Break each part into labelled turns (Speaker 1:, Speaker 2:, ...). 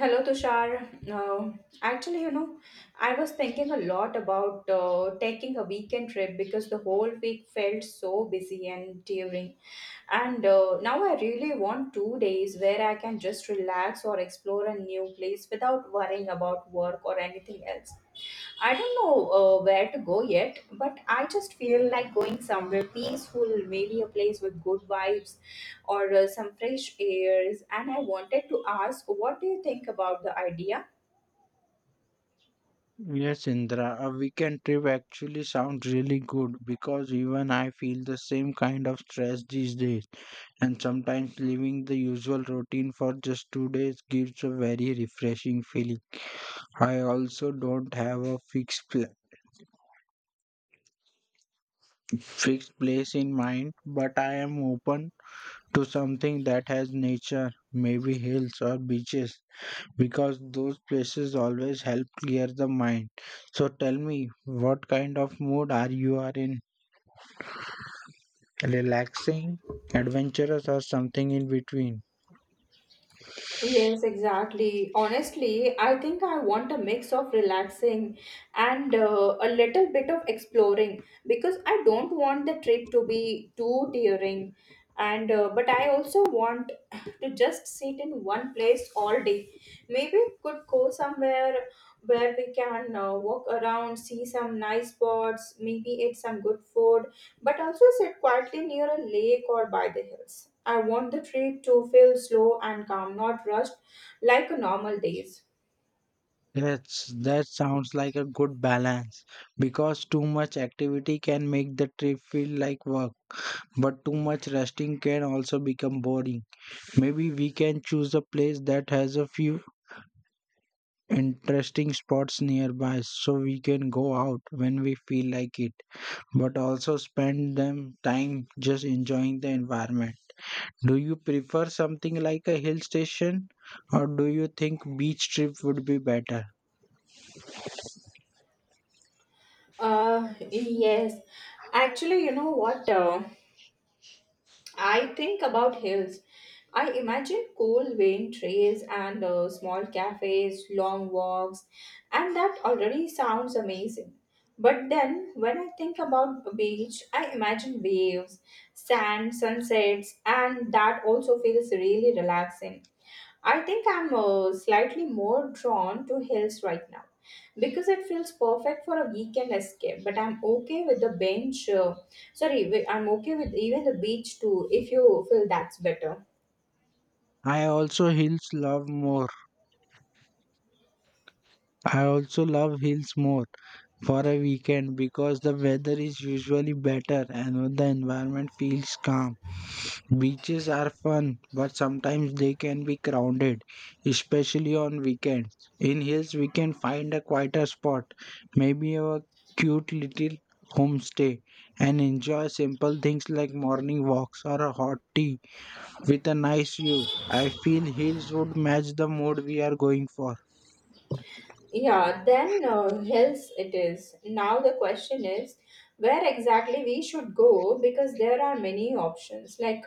Speaker 1: Hello, Tushar. Actually, I was thinking a lot about taking a weekend trip because the whole week felt so busy and tiring. And Now I really want two days where I can just relax or explore a new place without worrying about work or anything else. I don't know where to go yet, but I just feel like going somewhere peaceful, maybe a place with good vibes or some fresh airs. And I wanted to ask, what do you think about the idea?
Speaker 2: Yes, Indra, a weekend trip actually sounds really good because even I feel the same kind of stress these days, and sometimes leaving the usual routine for just 2 days gives a very refreshing feeling. I also don't have a fixed place in mind, but I am open to something that has nature, maybe hills or beaches, because those places always help clear the mind. So tell me, what kind of mood are you are in? Relaxing, adventurous, or something in between.
Speaker 1: Yes, exactly. Honestly, I think I want a mix of relaxing and a little bit of exploring because I don't want the trip to be too tiring. And but I also want to just sit in one place all day. Maybe we could go somewhere where we can walk around, see some nice spots, maybe eat some good food but also sit quietly near a lake or by the hills. I want the trip to feel slow and calm, not rushed like a normal days.
Speaker 2: That sounds like a good balance because too much activity can make the trip feel like work, but too much resting can also become boring. Maybe we can choose a place that has a few interesting spots nearby so we can go out when we feel like it, but also spend them time just enjoying the environment. Do you prefer something like a hill station or do you think beach trip would be better?
Speaker 1: Yes. Actually, you know what? I think about hills. I imagine cool wind trails and small cafes, long walks, and that already sounds amazing. But then when I think about a beach, I imagine waves, sand, sunsets, and that also feels really relaxing. I think I'm slightly more drawn to hills right now because it feels perfect for a weekend escape. But I'm okay with the bench. I'm okay with even the beach too if you feel that's better.
Speaker 2: I also hills love more. I also love hills more, for a weekend because the weather is usually better and the environment feels calm. Beaches are fun, but sometimes they can be crowded, especially on weekends. In hills, we can find a quieter spot, maybe a cute little homestay, and enjoy simple things like morning walks or a hot tea with a nice view. I feel hills would match the mood we are going for.
Speaker 1: Yeah, then hills it is. Now the question is where exactly we should go because there are many options. Like,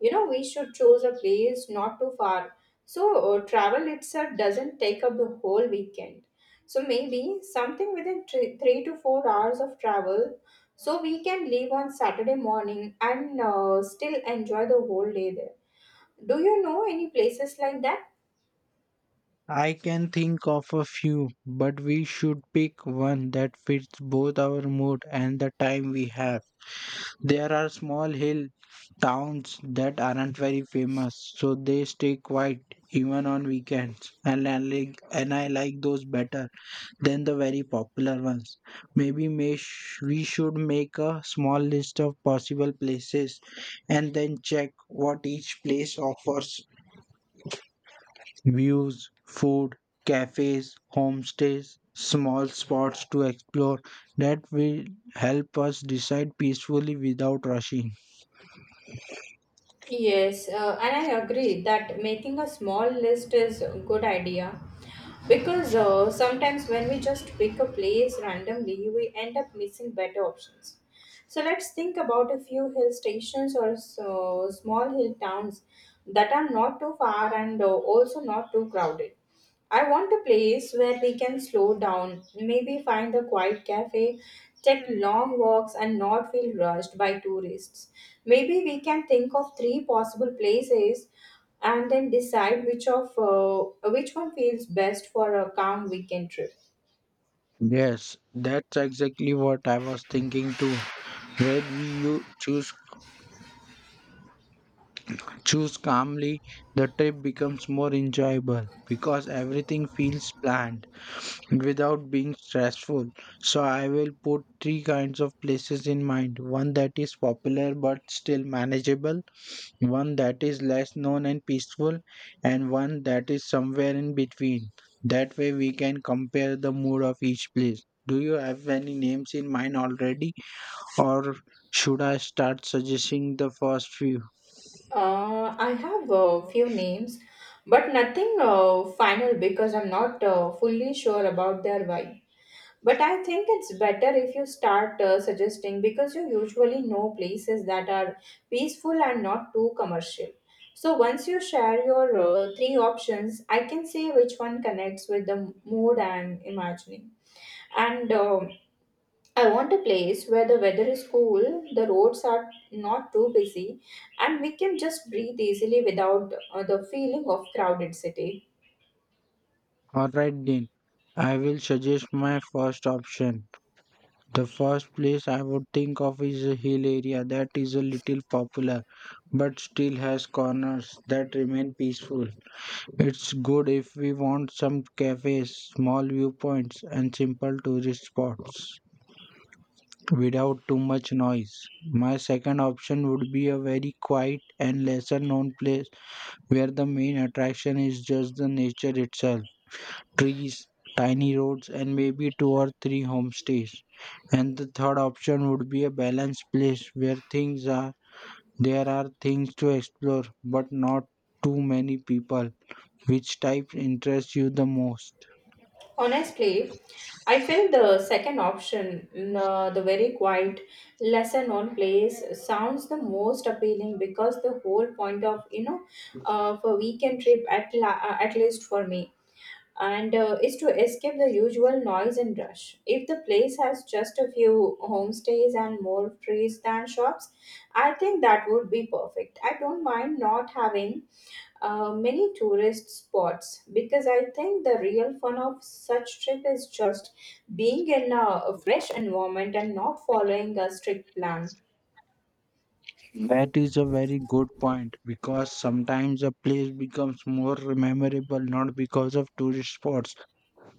Speaker 1: you know, we should choose a place not too far. So, travel itself doesn't take up the whole weekend. So, maybe something within three to four hours of travel so we can leave on Saturday morning and still enjoy the whole day there. Do you know any places like that?
Speaker 2: I can think of a few, but we should pick one that fits both our mood and the time we have. There are small hill towns that aren't very famous, so they stay quiet even on weekends. And I like those better than the very popular ones. Maybe we should make a small list of possible places and then check what each place offers: views, food, cafes, homestays, small spots to explore, that will help us decide peacefully without rushing.
Speaker 1: Yes, and I agree that making a small list is a good idea because sometimes when we just pick a place randomly, we end up missing better options. So let's think about a few hill stations or so small hill towns that are not too far and also not too crowded. I want a place where we can slow down, maybe find a quiet cafe, take long walks, and not feel rushed by tourists. Maybe we can think of three possible places and then decide which one feels best for a calm weekend trip.
Speaker 2: Yes, that's exactly what I was thinking too. When we you choose calmly, the trip becomes more enjoyable because everything feels planned without being stressful. So I will put three kinds of places in mind. One that is popular but still manageable, one that is less known and peaceful, and one that is somewhere in between. That way, we can compare the mood of each place. Do you have any names in mind already, or should I start suggesting the first few?
Speaker 1: I have a few names, but nothing final because I'm not fully sure about their vibe. But I think it's better if you start suggesting because you usually know places that are peaceful and not too commercial. So once you share your three options, I can see which one connects with the mood I'm imagining. And I want a place where the weather is cool, the roads are not too busy, and we can just breathe easily without the feeling of crowded city.
Speaker 2: Alright, then I will suggest my first option. The first place I would think of is a hill area that is a little popular but still has corners that remain peaceful. It's good if we want some cafes, small viewpoints, and simple tourist spots without too much noise. My second option would be a very quiet and lesser known place where the main attraction is just the nature itself: trees, tiny roads, and maybe two or three homestays. And the third option would be a balanced place where things are there are things to explore, but not too many people. Which type interests you the most?
Speaker 1: Honestly, I felt the second option, the very quiet, lesser known place, sounds the most appealing because the whole point of, you know, for weekend trip, at least for me, and is to escape the usual noise and rush. If the place has just a few homestays and more trees than shops, I think that would be perfect. I don't mind not having many tourist spots because I think the real fun of such trip is just being in a fresh environment and not following a strict plan.
Speaker 2: That is a very good point because sometimes a place becomes more memorable not because of tourist spots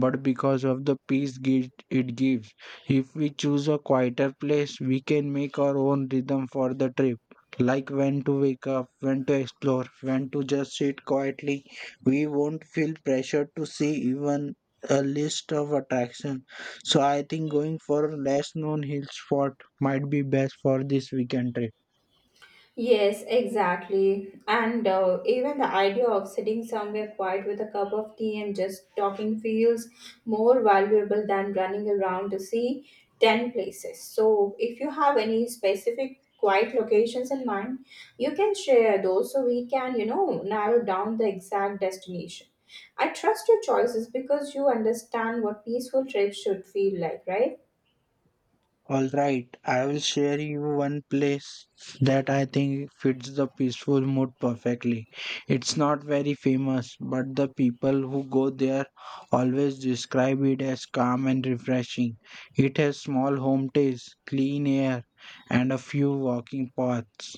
Speaker 2: but because of the peace it gives. If we choose a quieter place, we can make our own rhythm for the trip, like when to wake up, when to explore, when to just sit quietly. We won't feel pressured to see even a list of attraction. So I think going for a less known hill spot might be best for this weekend trip.
Speaker 1: Yes, exactly. And even the idea of sitting somewhere quiet with a cup of tea and just talking feels more valuable than running around to see 10 places. So, if you have any specific quiet locations in mind, you can share those so we can, you know, narrow down the exact destination. I trust your choices because you understand what peaceful trips should feel like, right?
Speaker 2: All right, I will share you one place that I think fits the peaceful mood perfectly. It's not very famous, but the people who go there always describe it as calm and refreshing. It has small homestays, clean air, and a few walking paths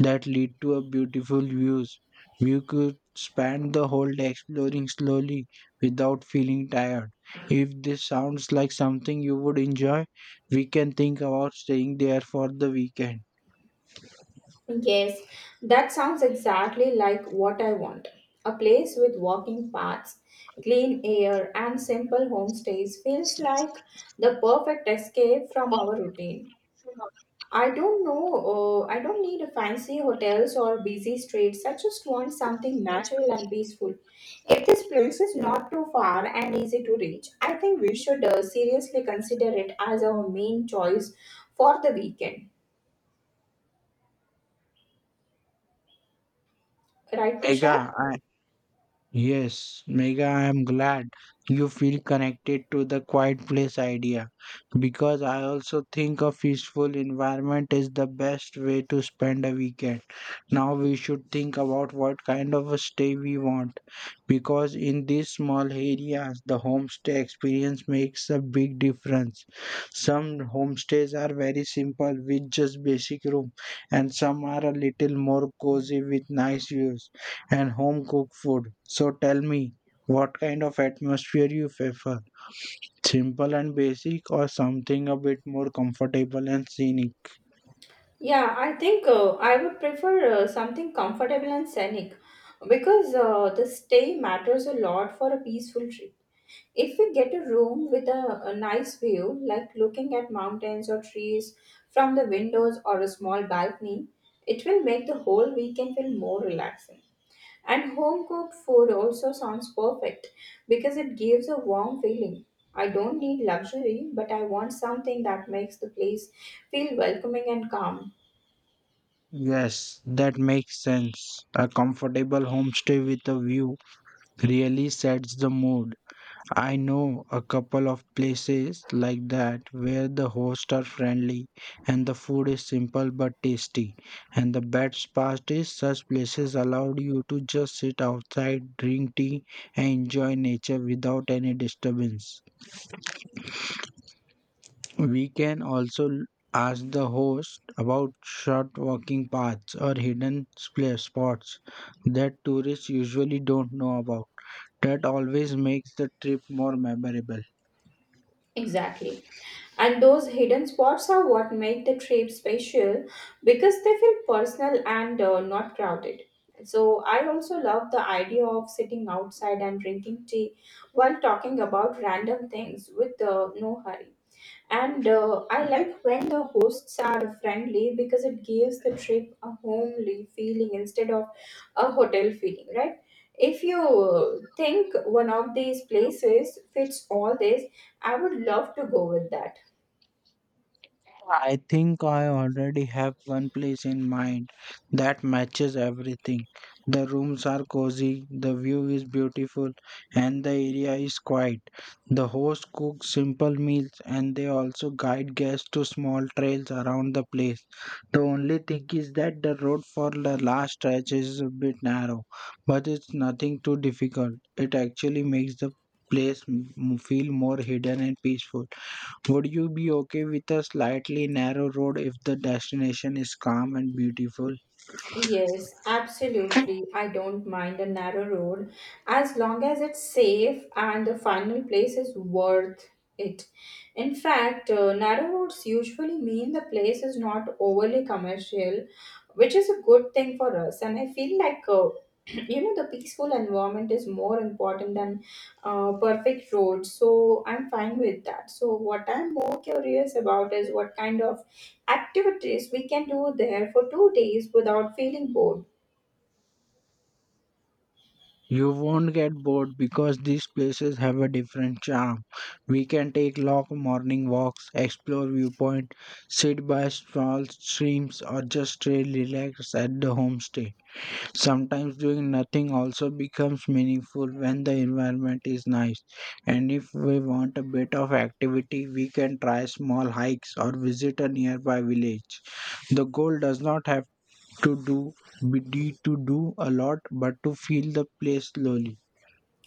Speaker 2: that lead to a beautiful views. You could spend the whole day exploring slowly without feeling tired. If this sounds like something you would enjoy, we can think about staying there for the weekend.
Speaker 1: Yes, that sounds exactly like what I want. A place with walking paths, clean air, and simple homestays feels like the perfect escape from our routine. I don't know, I don't need a fancy hotels or busy streets. I just want something natural and peaceful. If this place is not too far and easy to reach, I think we should seriously consider it as our main choice for the weekend. Right, Tushar?
Speaker 2: Mega, Yes, Mega, I am glad you feel connected to the quiet place idea because I also think a peaceful environment is the best way to spend a weekend. Now we should think about what kind of a stay we want because in these small areas the homestay experience makes a big difference. Some homestays are very simple with just basic room, and some are a little more cozy with nice views and home cooked food. So tell me, what kind of atmosphere you prefer? Simple and basic, or something a bit more comfortable and scenic?
Speaker 1: Yeah, I think I would prefer something comfortable and scenic because the stay matters a lot for a peaceful trip. If we get a room with a nice view, like looking at mountains or trees from the windows or a small balcony, it will make the whole weekend feel more relaxing. And home cooked food also sounds perfect because it gives a warm feeling. I don't need luxury, but I want something that makes the place feel welcoming and calm.
Speaker 2: Yes, that makes sense. A comfortable homestay with a view really sets the mood. I know a couple of places like that where the hosts are friendly and the food is simple but tasty. And the best part is such places allow you to just sit outside, drink tea, and enjoy nature without any disturbance. We can also ask the host about short walking paths or hidden spots that tourists usually don't know about. That always makes the trip more memorable.
Speaker 1: Exactly. And those hidden spots are what make the trip special because they feel personal and not crowded. So, I also love the idea of sitting outside and drinking tea while talking about random things with no hurry. And I like when the hosts are friendly because it gives the trip a homely feeling instead of a hotel feeling, right? If you think one of these places fits all this, I would love to go with that.
Speaker 2: I think I already have one place in mind that matches everything. The rooms are cozy, the view is beautiful, and the area is quiet. The host cooks simple meals and they also guide guests to small trails around the place. The only thing is that the road for the last stretch is a bit narrow, but it's nothing too difficult. It actually makes the place feel more hidden and peaceful. Would you be okay with a slightly narrow road if the destination is calm and beautiful?
Speaker 1: Yes, absolutely. I don't mind a narrow road as long as it's safe and the final place is worth it. In fact, narrow roads usually mean the place is not overly commercial, which is a good thing for us. And I feel like, you know, the peaceful environment is more important than perfect roads. So I'm fine with that. So, what I'm more curious about is what kind of activities we can do there for two days without feeling bored.
Speaker 2: You won't get bored because these places have a different charm. We can take long morning walks, explore viewpoint, sit by small streams, or just stay relaxed at the homestay. Sometimes doing nothing also becomes meaningful when the environment is nice. And if we want a bit of activity, we can try small hikes or visit a nearby village. The goal does not have to do be need to do a lot, but to feel the place slowly.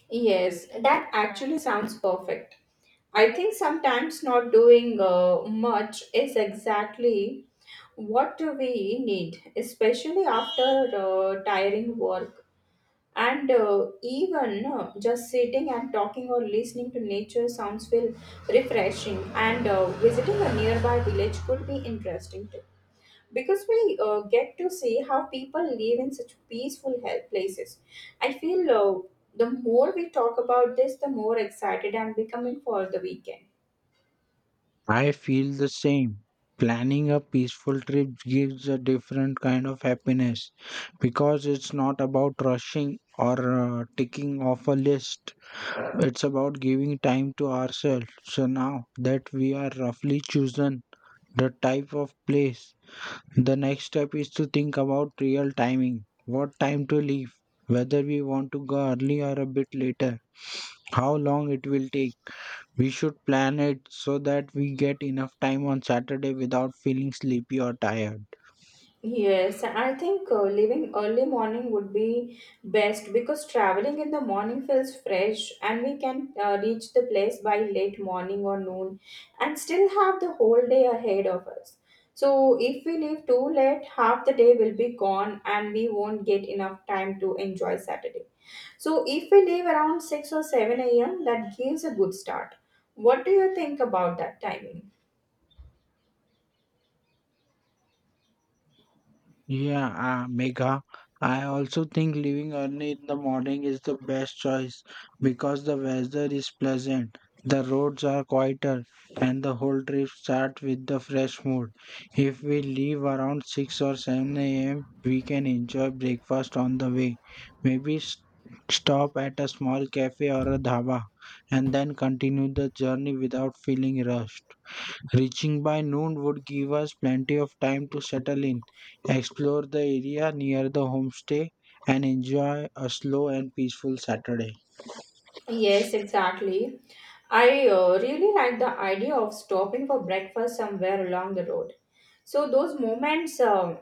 Speaker 1: Yes, that actually sounds perfect. I think sometimes not doing much is exactly what we need, especially after tiring work. And even Just sitting and talking or listening to nature sounds feel refreshing. And visiting a nearby village could be interesting because we get to see how people live in such peaceful places. I feel the more we talk about this, the more excited I'm becoming for the weekend.
Speaker 2: I feel the same. Planning a peaceful trip gives a different kind of happiness because it's not about rushing or ticking off a list. It's about giving time to ourselves. So now that we are roughly chosen the type of place, the next step is to think about real timing. What time to leave? Whether we want to go early or a bit later? How long it will take? We should plan it so that we get enough time on Saturday without feeling sleepy or tired.
Speaker 1: Yes, I think leaving early morning would be best because traveling in the morning feels fresh and we can reach the place by late morning or noon and still have the whole day ahead of us. So, if we leave too late, half the day will be gone and we won't get enough time to enjoy Saturday. So if we leave around 6 or 7 a.m., that gives a good start. What do you think about that timing?
Speaker 2: Yeah, Mega, I also think leaving early in the morning is the best choice because the weather is pleasant, the roads are quieter, and the whole trip starts with the fresh mood. If we leave around 6 or 7 a.m., we can enjoy breakfast on the way. Maybe s stop at a small cafe or a dhaba, and then continue the journey without feeling rushed. Reaching by noon would give us plenty of time to settle in, explore the area near the homestay, and enjoy a slow and peaceful Saturday.
Speaker 1: Yes, exactly. I really like the idea of stopping for breakfast somewhere along the road. So those moments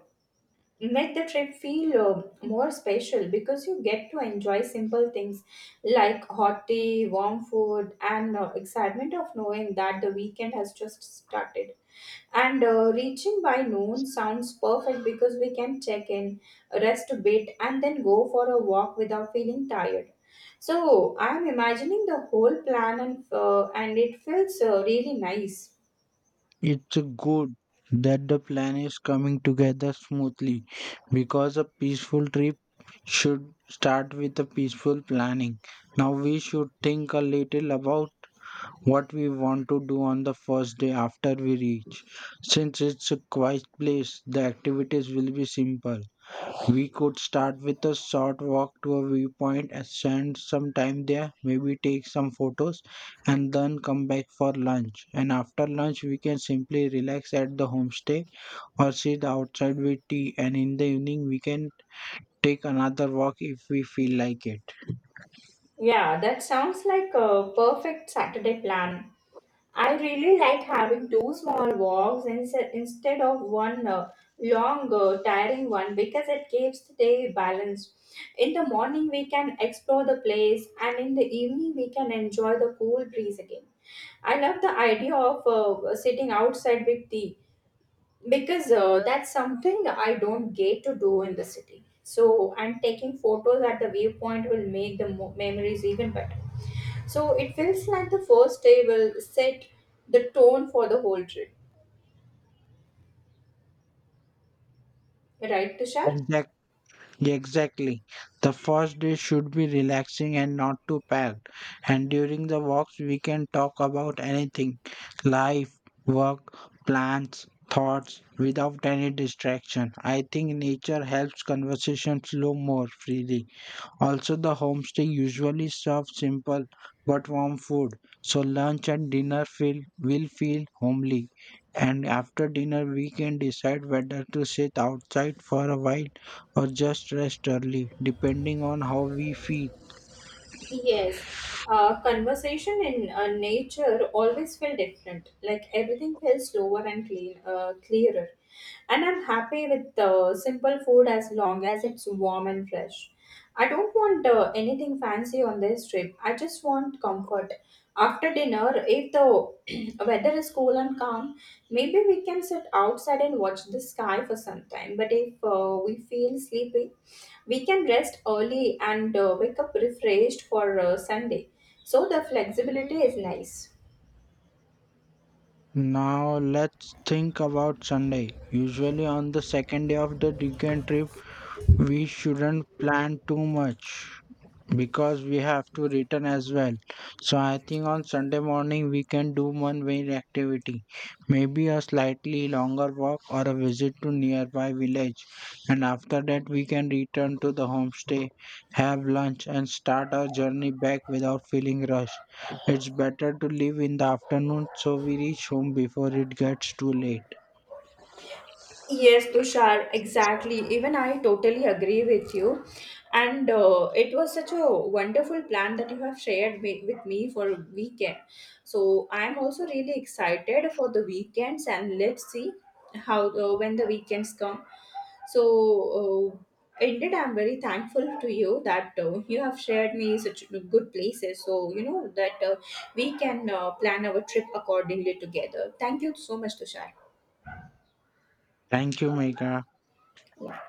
Speaker 1: make the trip feel more special because you get to enjoy simple things like hot tea, warm food, and excitement of knowing that the weekend has just started. And reaching by noon sounds perfect because we can check in, rest a bit, and then go for a walk without feeling tired. So I'm imagining the whole plan, and it feels really nice.
Speaker 2: It's good that the plan is coming together smoothly because a peaceful trip should start with a peaceful planning. Now we should think a little about what we want to do on the first day after we reach. Since it's a quiet place, the activities will be simple. We could start with a short walk to a viewpoint and spend some time there, maybe take some photos, and then come back for lunch. And after lunch, we can simply relax at the homestay or sit outside with tea. And in the evening, we can take another walk if we feel like it.
Speaker 1: Yeah, that sounds like a perfect Saturday plan. I really like having two small walks instead of one long, tiring one because it keeps the day balanced. In the morning, we can explore the place, and in the evening, we can enjoy the cool breeze again. I love the idea of sitting outside with tea because that's something I don't get to do in the city. So, and taking photos at the viewpoint will make the memories even better. So, it feels like the first day will set the tone for the whole trip, right, Tushar?
Speaker 2: Exactly. Yeah, exactly. The first day should be relaxing and not too packed. And during the walks, we can talk about anything: life, work, plans, thoughts, without any distraction. I think nature helps conversation flow more freely. Also, the homestay usually serves simple but warm food, so lunch and will feel homely. And after dinner, we can decide whether to sit outside for a while or just rest early, depending on how we feel.
Speaker 1: Yes, conversation in nature always feel different. Like everything feels slower and clearer. And I'm happy with simple food as long as it's warm and fresh. I don't want anything fancy on this trip. I just want comfort. After dinner, if the weather is cool and calm, maybe we can sit outside and watch the sky for some time. But if we feel sleepy, we can rest early and wake up refreshed for Sunday. So the flexibility is nice.
Speaker 2: Now, let's think about Sunday. Usually, on the second day of the weekend trip, we shouldn't plan too much, because we have to return as well. So I think on Sunday morning we can do one main activity, maybe a slightly longer walk or a visit to nearby village, and after that we can return to the homestay, have lunch, and start our journey back without feeling rushed. It's better to leave in the afternoon so we reach home before it gets too late.
Speaker 1: Yes, Tushar, exactly. Even I totally agree with you. And it was such a wonderful plan that you have shared with me for a weekend. So I'm also really excited for the weekends and let's see how when the weekends come. So indeed, I'm very thankful to you that you have shared me such good places. So you know that we can plan our trip accordingly together. Thank you so much, Tushar.
Speaker 2: Thank you, Megha.
Speaker 1: Yeah.